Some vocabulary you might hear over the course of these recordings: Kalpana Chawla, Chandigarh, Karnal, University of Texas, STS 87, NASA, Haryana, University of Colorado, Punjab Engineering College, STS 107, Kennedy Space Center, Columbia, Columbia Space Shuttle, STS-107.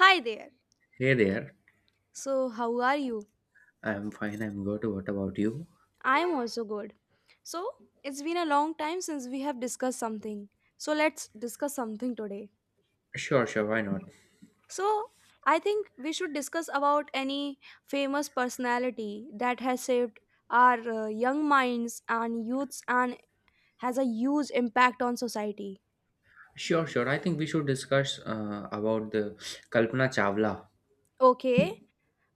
Hi there. Hey there. So, how are you? I'm fine. I'm good. What about you? I am also good. So, it's been a long time since we have discussed something. So, let's discuss something today. Sure, sure. Why not? So, I think we should discuss about any famous personality that has shaped our young minds and youths and has a huge impact on society. Sure, sure. I think we should discuss about the Kalpana Chawla. Okay.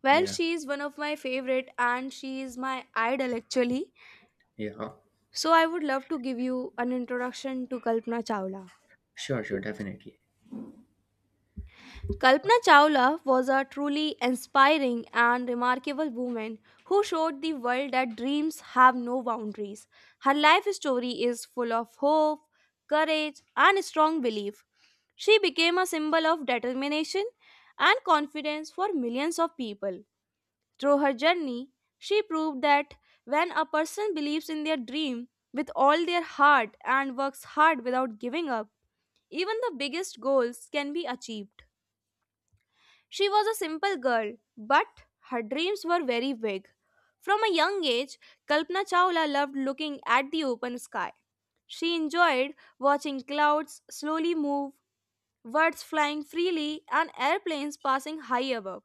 Well, Yeah, she is one of my favorite and she is my idol actually. yeah. So, I would love to give you an introduction to Kalpana Chawla. Sure, sure. Definitely. Kalpana Chawla was a truly inspiring and remarkable woman who showed the world that dreams have no boundaries. Her life story is full of hope, courage, and strong belief. She became a symbol of determination and confidence for millions of people. Through her journey, she proved that when a person believes in their dream with all their heart and works hard without giving up, even the biggest goals can be achieved. She was a simple girl, but her dreams were very big. From a young age, Kalpana Chawla loved looking at the open sky. She enjoyed watching clouds slowly move, birds flying freely, and airplanes passing high above.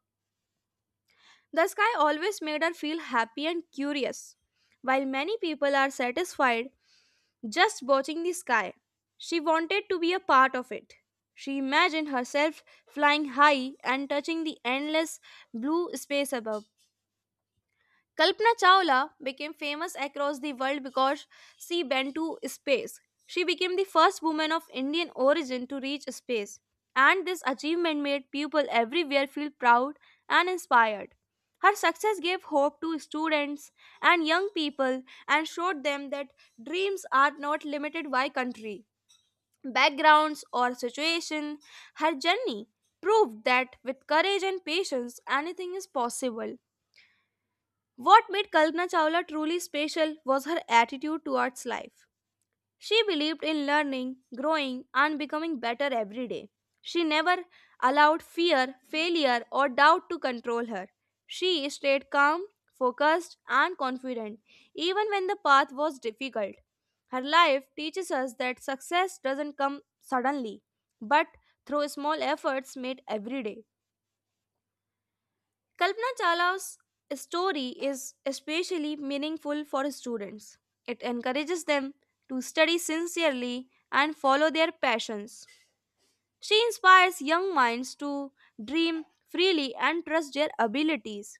The sky always made her feel happy and curious. While many people are satisfied just watching the sky, she wanted to be a part of it. She imagined herself flying high and touching the endless blue space above. Kalpana Chawla became famous across the world because she went to space. She became the first woman of Indian origin to reach space, and this achievement made people everywhere feel proud and inspired. Her success gave hope to students and young people and showed them that dreams are not limited by country, backgrounds, or situation. Her journey proved that with courage and patience, anything is possible. What made Kalpana Chawla truly special was her attitude towards life. She believed in learning, growing, and becoming better every day. She never allowed fear, failure, or doubt to control her. She stayed calm, focused, and confident, even when the path was difficult. Her life teaches us that success doesn't come suddenly, but through small efforts made every day. Kalpana Chawla's story is especially meaningful for students. It encourages them to study sincerely and follow their passions. She inspires young minds to dream freely and trust their abilities.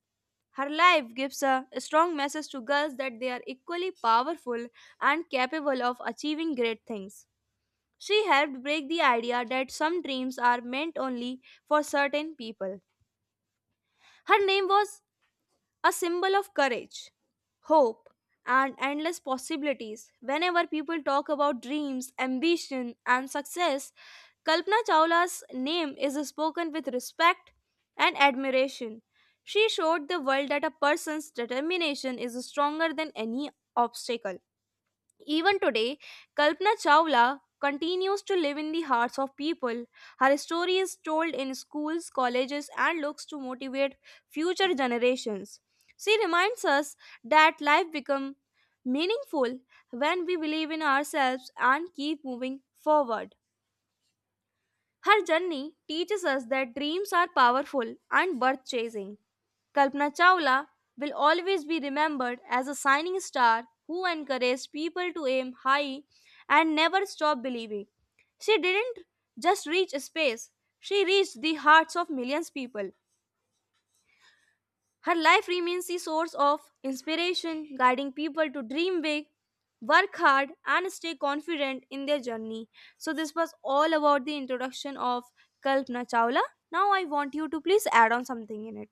Her life gives a strong message to girls that they are equally powerful and capable of achieving great things. She helped break the idea that some dreams are meant only for certain people. Her name was a symbol of courage, hope, and endless possibilities. Whenever people talk about dreams, ambition, and success, Kalpana Chawla's name is spoken with respect and admiration. She showed the world that a person's determination is stronger than any obstacle. Even today, Kalpana Chawla continues to live in the hearts of people. Her story is told in schools, colleges, and looks to motivate future generations. She reminds us that life becomes meaningful when we believe in ourselves and keep moving forward. Her journey teaches us that dreams are powerful and worth chasing. Kalpana Chawla will always be remembered as a shining star who encouraged people to aim high and never stop believing. She didn't just reach space, she reached the hearts of millions of people. Her life remains a source of inspiration, guiding people to dream big, work hard, and stay confident in their journey. So, this was all about the introduction of Kalpana Chawla. Now, I want you to please add on something in it.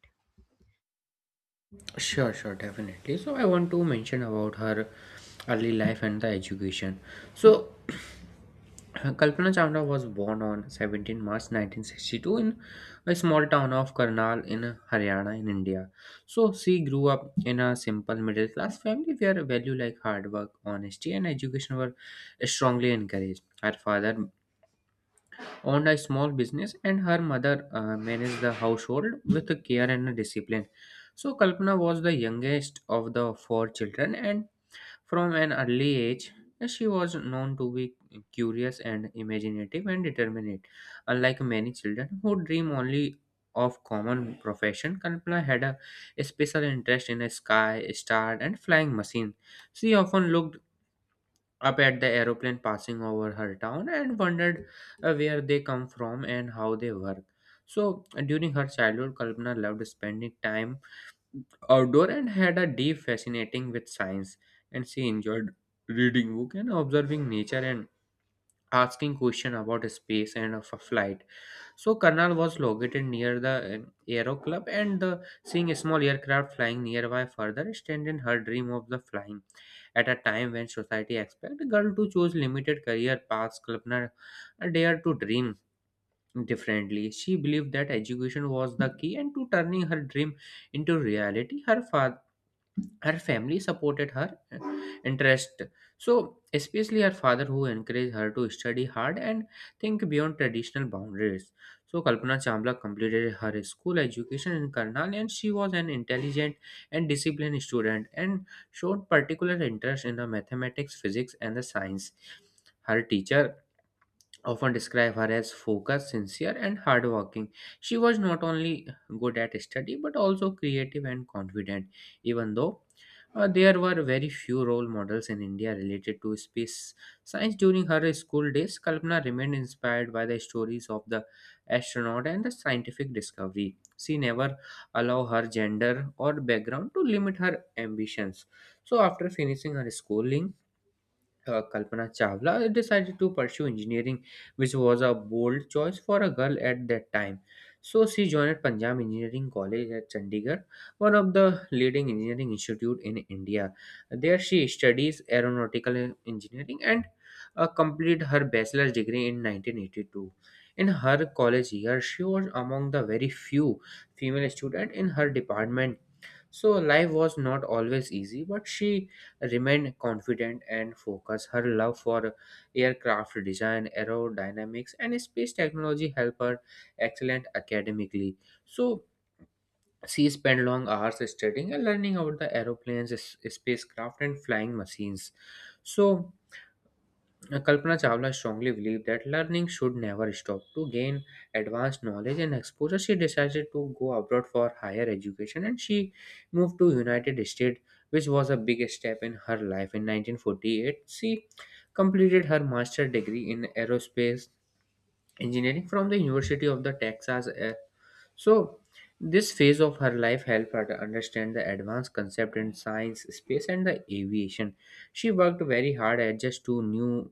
Sure, sure. Definitely. So I want to mention about her early life and the education. So Kalpana Chawla was born on 17 March 1962 in a small town of Karnal in Haryana in India. So she grew up in a simple middle class family where values like hard work, honesty and education were strongly encouraged. Her father owned a small business and her mother managed the household with care and discipline. So Kalpana was the youngest of the four children, and from an early age, she was known to be curious and imaginative and determined. Unlike many children who dream only of common profession, Kalpana had a special interest in the sky, star, and flying machine. She often looked up at the aeroplane passing over her town and wondered where they come from and how they work. So, during her childhood, Kalpana loved spending time outdoor and had a deep fascinating with science, and she enjoyed reading book and observing nature and asking question about space and of a flight. So Karnal was located near the aero club, and the, seeing a small aircraft flying nearby further strengthened her dream of the flying. At a time when society expect a girl to choose limited career paths, Kalpana dared to dream differently. She believed that education was the key and to turning her dream into reality. Her family supported her interest, so especially her father, who encouraged her to study hard and think beyond traditional boundaries. So Kalpana Chawla completed her school education in Karnal, and she was an intelligent and disciplined student and showed particular interest in the mathematics, physics and the science. Her teacher often describe her as focused, sincere, and hardworking. She was not only good at study but also creative and confident, even though there were very few role models in India related to space science during her school days. Kalpana remained inspired by the stories of the astronaut and the scientific discovery. She never allowed her gender or background to limit her ambitions. So, after finishing her schooling, Kalpana Chawla decided to pursue engineering, which was a bold choice for a girl at that time. So she joined Punjab Engineering College at Chandigarh, one of the leading engineering institute in India. There she studies aeronautical engineering and completed her bachelor's degree in 1982. In her college year, she was among the very few female students in her department. So life was not always easy, but she remained confident and focused. Her love for aircraft design, aerodynamics, and space technology helped her excellent academically. So she spent long hours studying and learning about the aeroplanes, spacecraft, and flying machines. So Kalpana Chawla strongly believed that learning should never stop. To gain advanced knowledge and exposure, she decided to go abroad for higher education, and she moved to United States, which was a big step in her life. In 1948, she completed her master's degree in aerospace engineering from the University of the Texas. So, this phase of her life helped her to understand the advanced concept in science, space, and the aviation. She worked very hard at just to new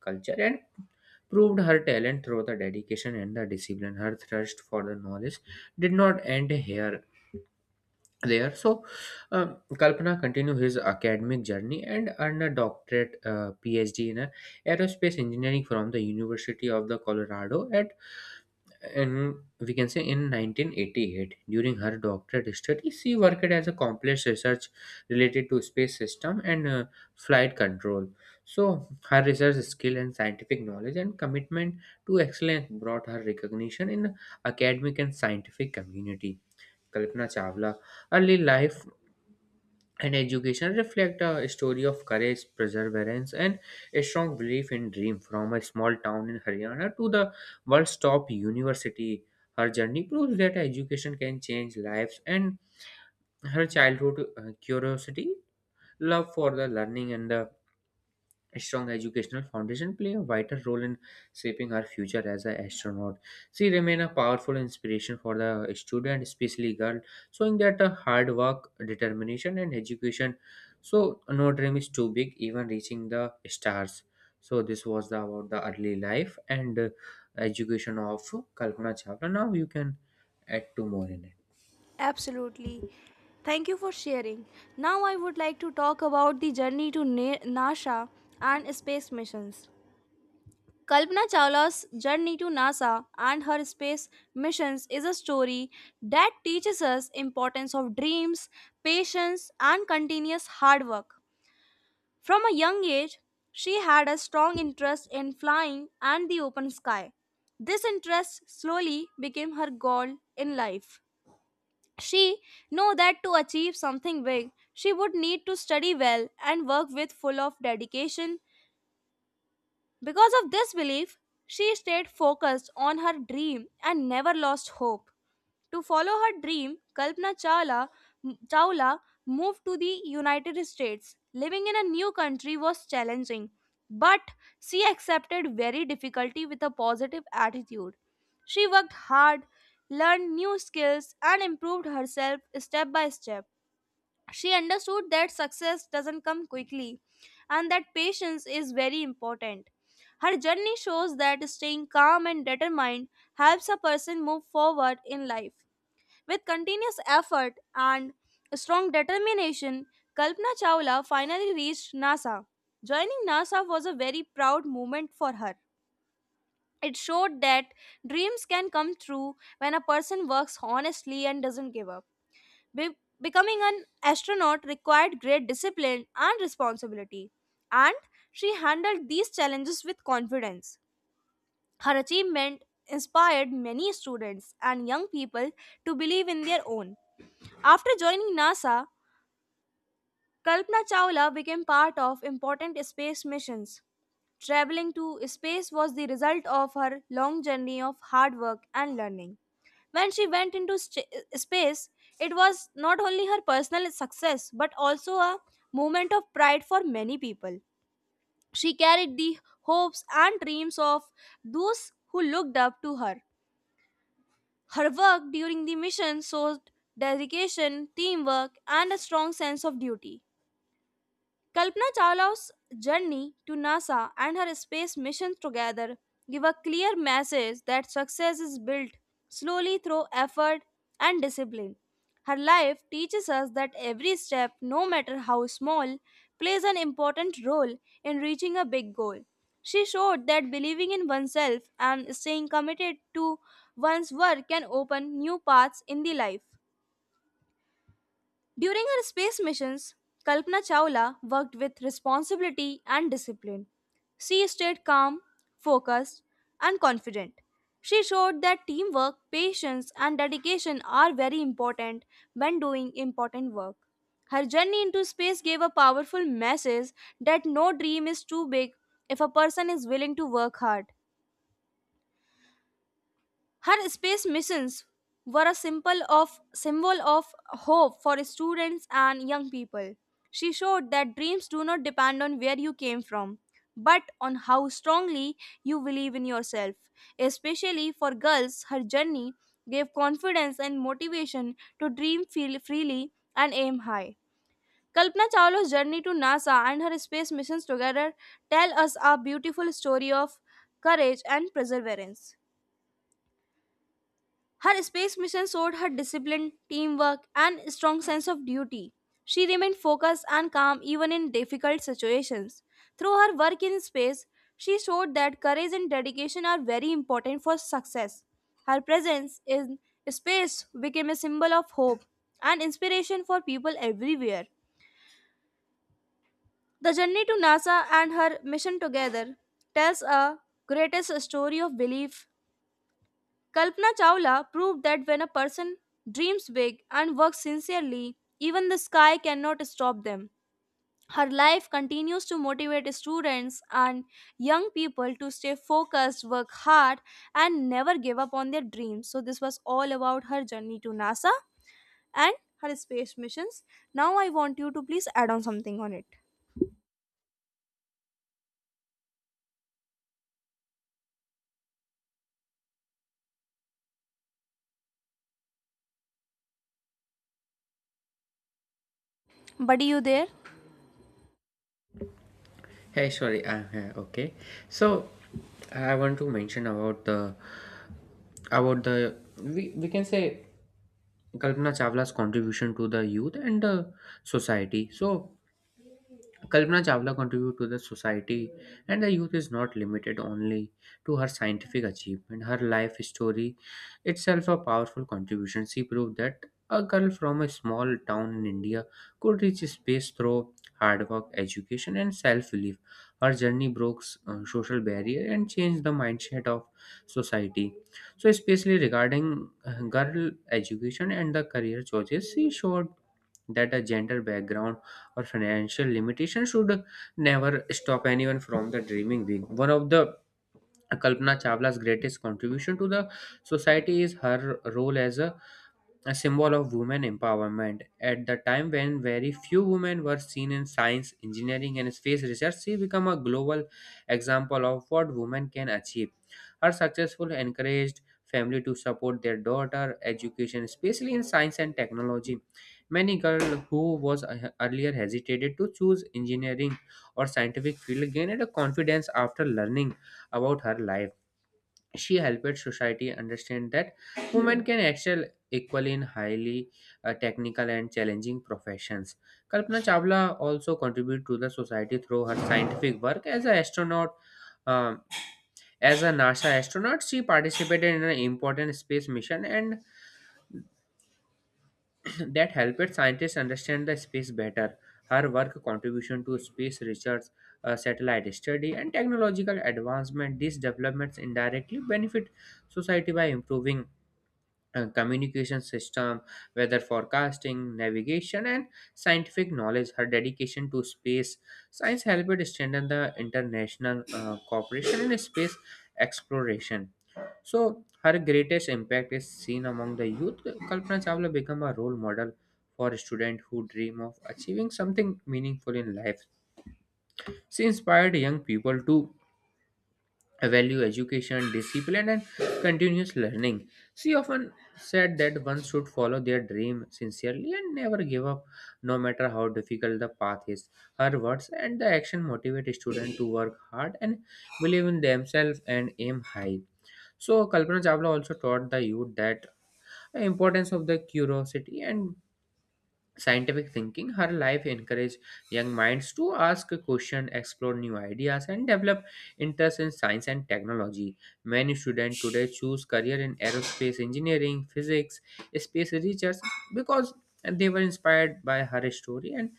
culture and proved her talent through the dedication and the discipline. Her thirst for the knowledge did not end here. There, so Kalpana continued his academic journey and earned a doctorate, PhD in aerospace engineering from the University of the Colorado at, and we can say in 1988. During her doctorate study she worked as a complex research related to space system and flight control. So her research skill and scientific knowledge and commitment to excellence brought her recognition in academic and scientific community. Kalpana Chawla early life and education reflect a story of courage, perseverance, and a strong belief in dream. From a small town in Haryana to the world's top university, her journey proves that education can change lives. And her childhood curiosity, love for the learning, and the a strong educational foundation play a vital role in shaping her future as an astronaut. She remained a powerful inspiration for the student, especially girl, showing that hard work, determination, and education. So no dream is too big, even reaching the stars. So this was the, about the early life and education of Kalpana Chawla. Now you can add two more in it. Absolutely. Thank you for sharing. Now I would like to talk about the journey to NASA and space missions. Kalpana Chawla's journey to NASA and her space missions is a story that teaches us importance of dreams, patience and continuous hard work. From a young age, she had a strong interest in flying and the open sky. This interest slowly became her goal in life. She knew that to achieve something big, she would need to study well and work with full of dedication because of this belief, she stayed focused on her dream and never lost hope. To follow her dream, Kalpana Chawla moved to the United States. Living in a new country was challenging, but she accepted very difficulty with a positive attitude. She worked hard, learned new skills, and improved herself step by step. She understood that success doesn't come quickly and that patience is very important. Her journey shows that staying calm and determined helps a person move forward in life. With continuous effort and strong determination, Kalpana Chawla finally reached NASA. Joining NASA was a very proud moment for her. It showed that dreams can come true when a person works honestly and doesn't give up. Becoming an astronaut required great discipline and responsibility, and she handled these challenges with confidence. Her achievement inspired many students and young people to believe in their own. After joining NASA, Kalpana Chawla became part of important space missions. Traveling to space was the result of her long journey of hard work and learning. When she went into space, it was not only her personal success but also a moment of pride for many people. She carried the hopes and dreams of those who looked up to her. Her work during the mission showed dedication, teamwork, and a strong sense of duty. Kalpana Chawla's journey to NASA and her space mission together give a clear message that success is built slowly through effort and discipline. Her life teaches us that every step, no matter how small, plays an important role in reaching a big goal. She showed that believing in oneself and staying committed to one's work can open new paths in the life. During her space missions, Kalpana Chawla worked with responsibility and discipline. She stayed calm, focused, and confident. She showed that teamwork, patience, and dedication are very important when doing important work. Her journey into space gave a powerful message that no dream is too big if a person is willing to work hard. Her space missions were a symbol of hope for students and young people. She showed that dreams do not depend on where you came from, but on how strongly you believe in yourself. Especially for girls, her journey gave confidence and motivation to dream feel freely and aim high. Kalpana Chawla's journey to NASA and her space missions together tell us a beautiful story of courage and perseverance. Her space mission showed her discipline, teamwork, and strong sense of duty. She remained focused and calm even in difficult situations. Through her work in space, she showed that courage and dedication are very important for success. Her presence in space became a symbol of hope and inspiration for people everywhere. The journey to NASA and her mission together tells a greatest story of belief. Kalpana Chawla proved that when a person dreams big and works sincerely, even the sky cannot stop them. Her life continues to motivate students and young people to stay focused, work hard, and never give up on their dreams. So, this was all about her journey to NASA and her space missions. Now, I want you to please add on something on it. Buddy, you there? Hey, sorry. Okay. So, I want to mention about the about the we can say Kalpana Chawla's contribution to the youth and the society. So, Kalpana Chawla contributed to the society, and the youth is not limited only to her scientific achievement. Her life story itself a powerful contribution. She proved that a girl from a small town in India could reach space through hard work, education, and self-belief. Her journey broke social barrier and changed the mindset of society. So, especially regarding girl education and the career choices, she showed that a gender background or financial limitation should never stop anyone from the dreaming big. One of the Kalpana Chawla's greatest contribution to the society is her role as a symbol of women empowerment. At the time when very few women were seen in science, engineering, and space research, she became a global example of what women can achieve. Her successful encouraged family to support their daughter education, especially in science and technology. Many girls who was earlier hesitated to choose engineering or scientific field gained a confidence after learning about her life. She helped society understand that women can excel equally in highly technical and challenging professions. Kalpana Chawla also contributed to the society through her scientific work as an astronaut. Um, as a NASA astronaut, she participated in an important space mission and that helped scientists understand the space better. Her work contribution to space research, satellite study, and technological advancement. These developments indirectly benefit society by improving communication system, weather forecasting, navigation, and scientific knowledge. Her dedication to space science helped strengthen the international cooperation in space exploration. So, her greatest impact is seen among the youth. Kalpana Chawla became a role model for students who dream of achieving something meaningful in life. She inspired young people to value education, discipline and continuous learning. She often said that one should follow their dream sincerely and never give up, no matter how difficult the path is. Her words and the action motivate students to work hard and believe in themselves and aim high. So Kalpana Chawla also taught the youth that the importance of the curiosity and scientific thinking. Her life encouraged young minds to ask questions, explore new ideas and develop interest in science and technology. Many students today choose career in aerospace engineering, physics, space research, because they were inspired by her story. And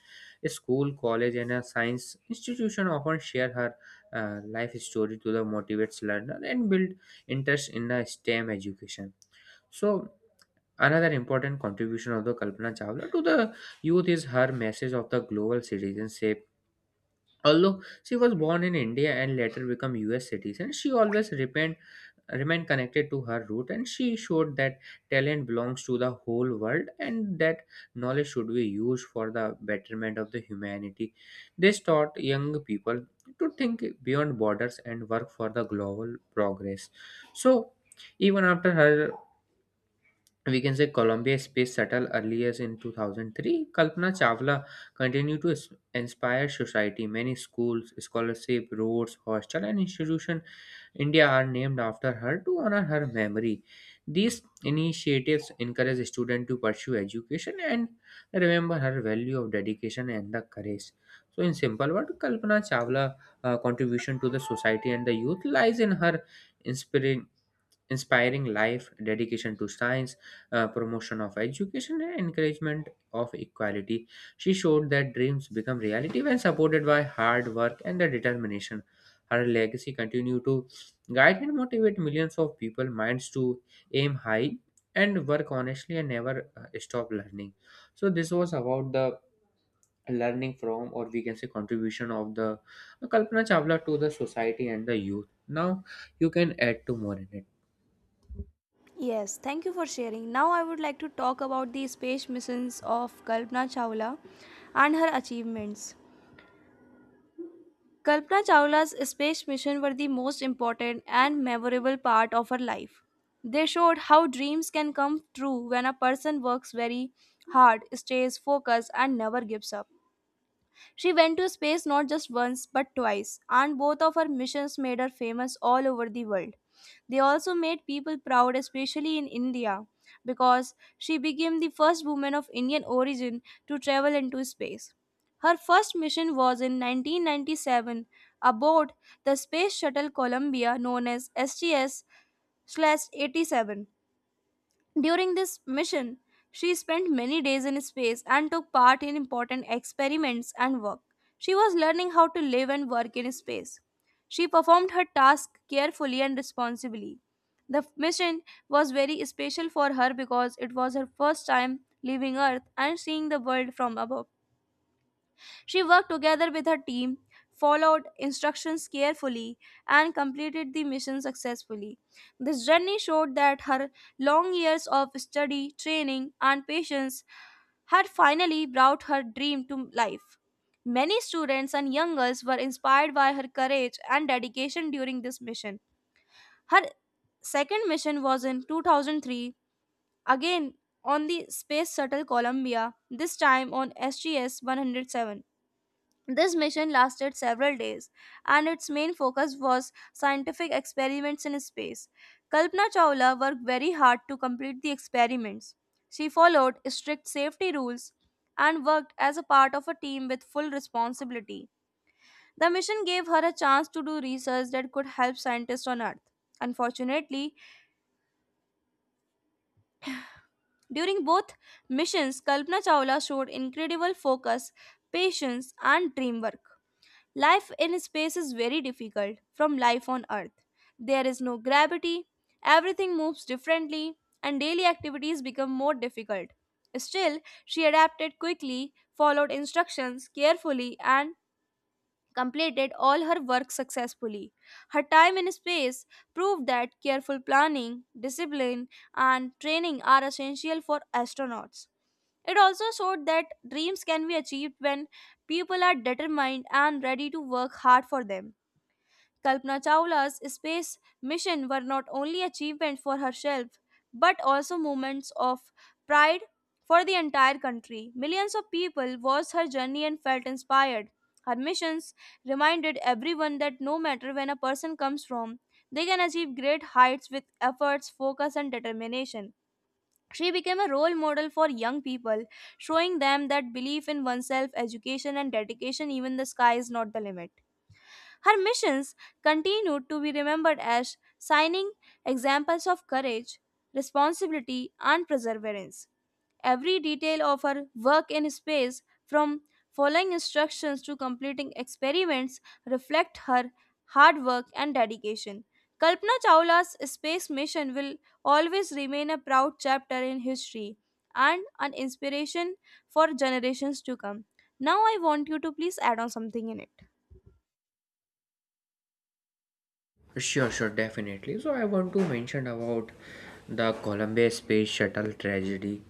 school, college and a science institution often share her life story to the motivates learner and build interest in the stem education. So another important contribution of the Kalpana Chawla to the youth is her message of the global citizenship. Although she was born in India and later became US citizen, she always remained connected to her root, and she showed that talent belongs to the whole world and that knowledge should be used for the betterment of the humanity. This taught young people to think beyond borders and work for the global progress. So even after her, we can say Columbia Space Shuttle earlier in 2003, Kalpana Chawla continued to inspire society. Many schools, scholarship, roads, hostel, and institution India are named after her to honor her memory. These initiatives encourage students to pursue education and remember her value of dedication and the courage. So, in simple words, Kalpana Chawla's contribution to the society and the youth lies in her inspiring inspiring life, dedication to science, promotion of education and encouragement of equality. She showed that dreams become reality when supported by hard work and the determination. Her legacy continue to guide and motivate millions of people minds to aim high and work honestly and never stop learning. So this was about the learning from, or we can say contribution of the Kalpana Chawla to the society and the youth. Now you can add to more in it. Yes, thank you for sharing. Now I would like to talk about the space missions of Kalpana Chawla and her achievements. Kalpana Chawla's space mission were the most important and memorable part of her life. They showed how dreams can come true when a person works very hard, stays focused, and never gives up. She went to space not just once but twice, and both of her missions made her famous all over the world. They also made people proud, especially in India, because she became the first woman of Indian origin to travel into space. Her first mission was in 1997 aboard the space shuttle Columbia, known as STS 87. During this mission, she spent many days in space and took part in important experiments and work. She was learning how to live and work in space. She performed her task carefully and responsibly. The mission was very special for her because it was her first time leaving Earth and seeing the world from above. She worked together with her team, followed instructions carefully, and completed the mission successfully. This journey showed that her long years of study, training, and patience had finally brought her dream to life. Many students and young girls were inspired by her courage and dedication during this mission. Her second mission was in 2003, again on the Space Shuttle Columbia, this time on SGS 107. This mission lasted several days, and its main focus was scientific experiments in space. Kalpana Chawla worked very hard to complete the experiments. She followed strict safety rules and worked as a part of a team with full responsibility. The mission gave her a chance to do research that could help scientists on Earth. Unfortunately, during both missions, Kalpana Chawla showed incredible focus, patience, and dreamwork. Life in space is very difficult from life on Earth. There is no gravity, everything moves differently, and daily activities become more difficult. Still, she adapted quickly, followed instructions carefully, and completed all her work successfully. Her time in space proved that careful planning, discipline, and training are essential for astronauts. It also showed that dreams can be achieved when people are determined and ready to work hard for them. Kalpana Chawla's space mission were not only achievements for herself but also moments of pride for the entire country. Millions of people watched her journey and felt inspired. Her missions reminded everyone that no matter when a person comes from, they can achieve great heights with efforts, focus, and determination. She became a role model for young people, showing them that belief in oneself, education, and dedication, even the sky is not the limit. Her missions continued to be remembered as shining examples of courage, responsibility, and perseverance. Every detail of her work in space, from following instructions to completing experiments, reflect her hard work and dedication. Kalpana Chawla's space mission will always remain a proud chapter in history and an inspiration for generations to come. Now, I want you to please add on something in it. Sure, sure, definitely. So I want to mention about the Columbia Space Shuttle tragedy.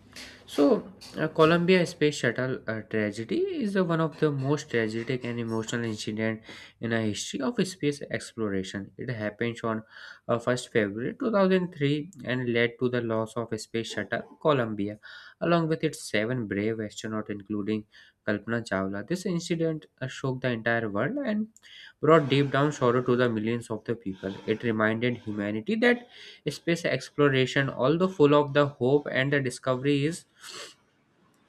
so, Columbia Space Shuttle tragedy is one of the most tragic and emotional incident in the history of space exploration. It happened on 1st February 2003 and led to the loss of Space Shuttle Columbia, along with its seven brave astronauts, including Kalpana Chawla. This incident shook the entire world and brought deep down sorrow to the millions of the people. It reminded humanity that space exploration, although full of the hope and the discovery, is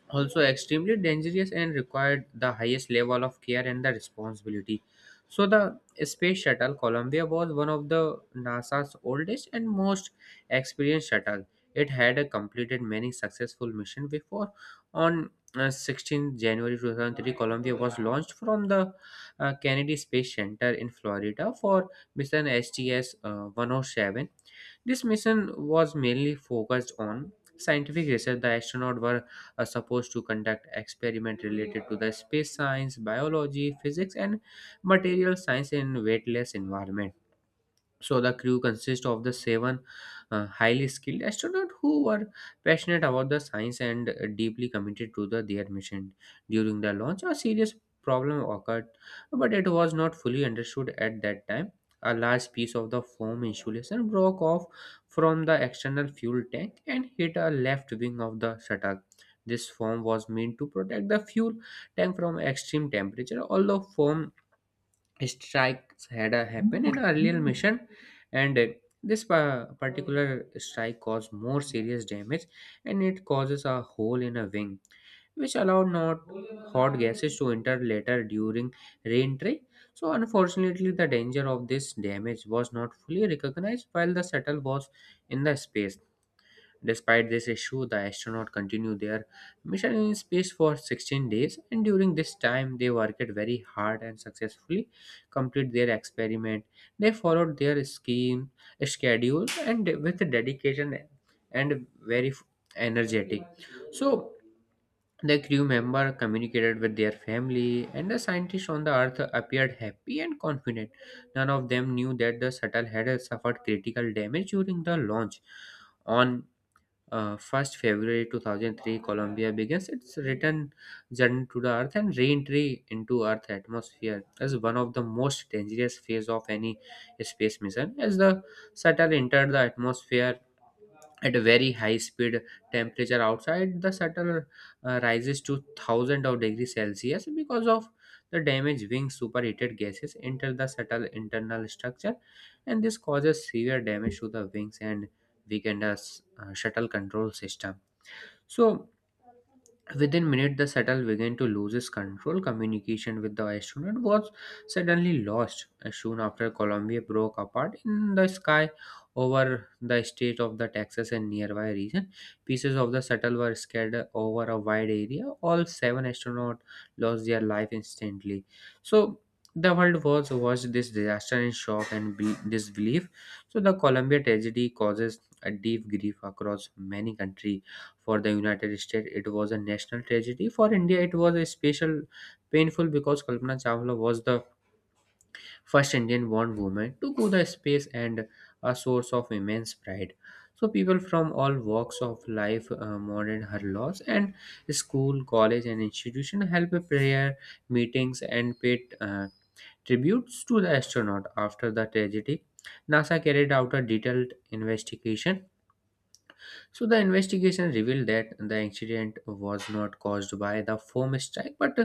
also extremely dangerous and required the highest level of care and the responsibility. So, the space shuttle Columbia was one of the NASA's oldest and most experienced shuttle. It had completed many successful missions before. On 16 January 2003, Columbia was launched from the Kennedy Space Center in Florida for mission STS-107. This mission was mainly focused on scientific research. The astronauts were supposed to conduct experiments related to the space science, biology, physics, and material science in weightless environment. So the crew consists of the seven highly skilled astronauts who were passionate about the science and deeply committed to their mission. During the launch, a serious problem occurred, but it was not fully understood at that time. A large piece of the foam insulation broke off from the external fuel tank and hit a left wing of the shuttle. This foam was meant to protect the fuel tank from extreme temperature, although foam strikes had happened in earlier mission, and particular strike caused more serious damage, and it causes a hole in a wing which allowed not hot gases to enter later during reentry. So unfortunately, the danger of this damage was not fully recognized while the shuttle was in the space. Despite this issue, the astronauts continued their mission in space for 16 days, and during this time, they worked very hard and successfully completed their experiment. They followed their schedule, and with dedication and very energetic. So, the crew member communicated with their family, and the scientists on the Earth appeared happy and confident. None of them knew that the shuttle had suffered critical damage during the launch. On 1st February 2003, Colombia begins its return journey to the Earth, and re-entry into Earth atmosphere as one of the most dangerous phase of any space mission. As the shuttle entered the atmosphere at a very high speed, temperature outside the shuttle rises to thousands of degrees celsius. Because of the damaged wings, superheated gases enter the shuttle internal structure, and this causes severe damage to the wings and weaken the shuttle control system. So within minutes, the shuttle began to lose its control. Communication with the astronaut was suddenly lost. Soon after, Columbia broke apart in the sky over the state of the Texas and nearby region. Pieces of the shuttle were scattered over a wide area. All seven astronauts lost their life instantly. So the world was watched this disaster in shock and disbelief. So the Columbia tragedy causes a deep grief across many countries. For the United States, it was a national tragedy. For India, it was a special painful because Kalpana Chawla was the first Indian born woman to go the space and a source of immense pride. So people from all walks of life mourned her loss, and school, college, and institution held prayer meetings and paid tributes to the astronaut after the tragedy. NASA carried out a detailed investigation. So the investigation revealed that the accident was not caused by the foam strike, but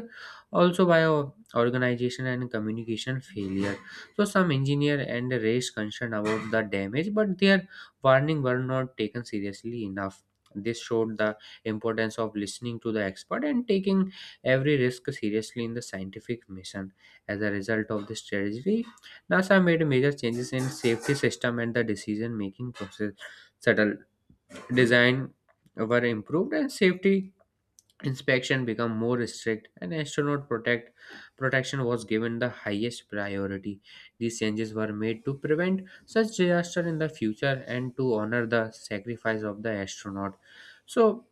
also by a organization and communication failure. So some engineer and raised concern about the damage, but their warning were not taken seriously enough. This showed the importance of listening to the expert and taking every risk seriously in the scientific mission. As a result of this strategy, NASA made major changes in safety system and the decision-making process. Subtle design were improved, and safety inspection become more strict, and astronaut protect protection was given the highest priority. These changes were made to prevent such disaster in the future and to honor the sacrifice of the astronaut. So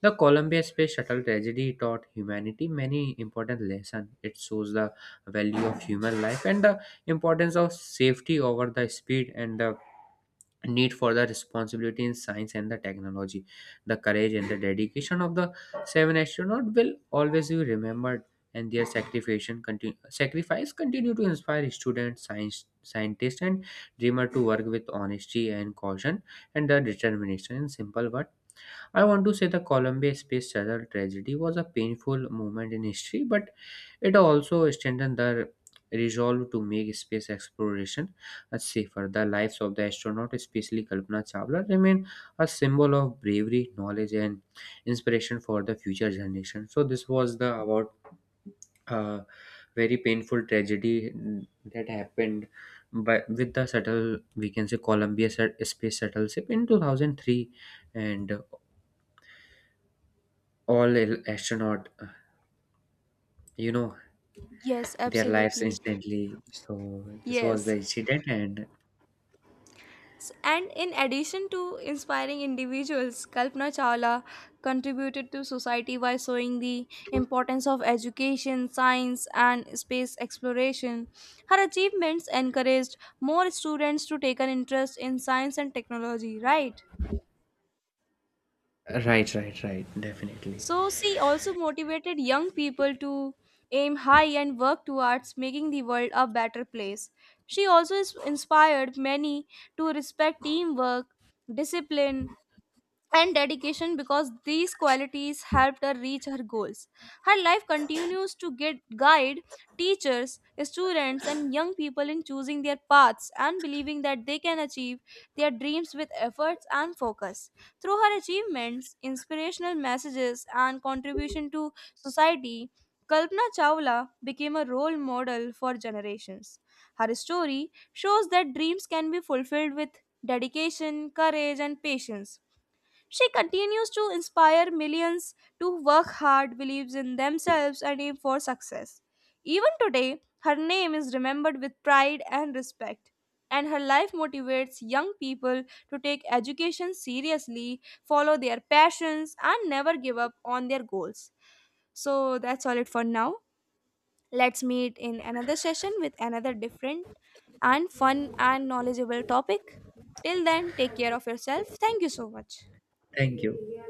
the Columbia space shuttle tragedy taught humanity many important lessons. It shows the value of human life, and the importance of safety over the speed, and the need for the responsibility in science and the technology. The courage and the dedication of the seven astronauts will always be remembered, and their sacrifice continue to inspire students science scientists and dreamer to work with honesty and caution and the determination. In simple words, I want to say the Columbia Space Shuttle tragedy was a painful moment in history, but it also strengthened the resolve to make space exploration safer. The lives of the astronaut, especially Kalpana Chawla, remain a symbol of bravery, knowledge, and inspiration for the future generation. So this was the about uh, very painful tragedy that happened by with the shuttle. We can say Columbia space shuttle ship in 2003, and all astronaut you know Yes, their lives absolutely. instantly, so this was Yes. the incident and And in addition to inspiring individuals, Kalpana Chawla contributed to society by showing the importance of education, science, and space exploration. Her achievements encouraged more students to take an interest in science and technology, right? right, right, right, definitely, So she also motivated young people to aim high and work towards making the world a better place. She also inspired many to respect teamwork, discipline, and dedication because these qualities helped her reach her goals. Her life continues to get guide teachers, students, and young people in choosing their paths and believing that they can achieve their dreams with efforts and focus. Through her achievements, inspirational messages, and contribution to society, Kalpana Chawla became a role model for generations. Her story shows that dreams can be fulfilled with dedication, courage, and patience she continues to inspire millions to work hard, believes in themselves, and aim for success. Even today, her name is remembered with pride and respect, and her life motivates young people to take education seriously, follow their passions, and never give up on their goals. So that's all it for now. Let's meet in another session with another different and fun and knowledgeable topic. Till then, take care of yourself. Thank you so much. thank you.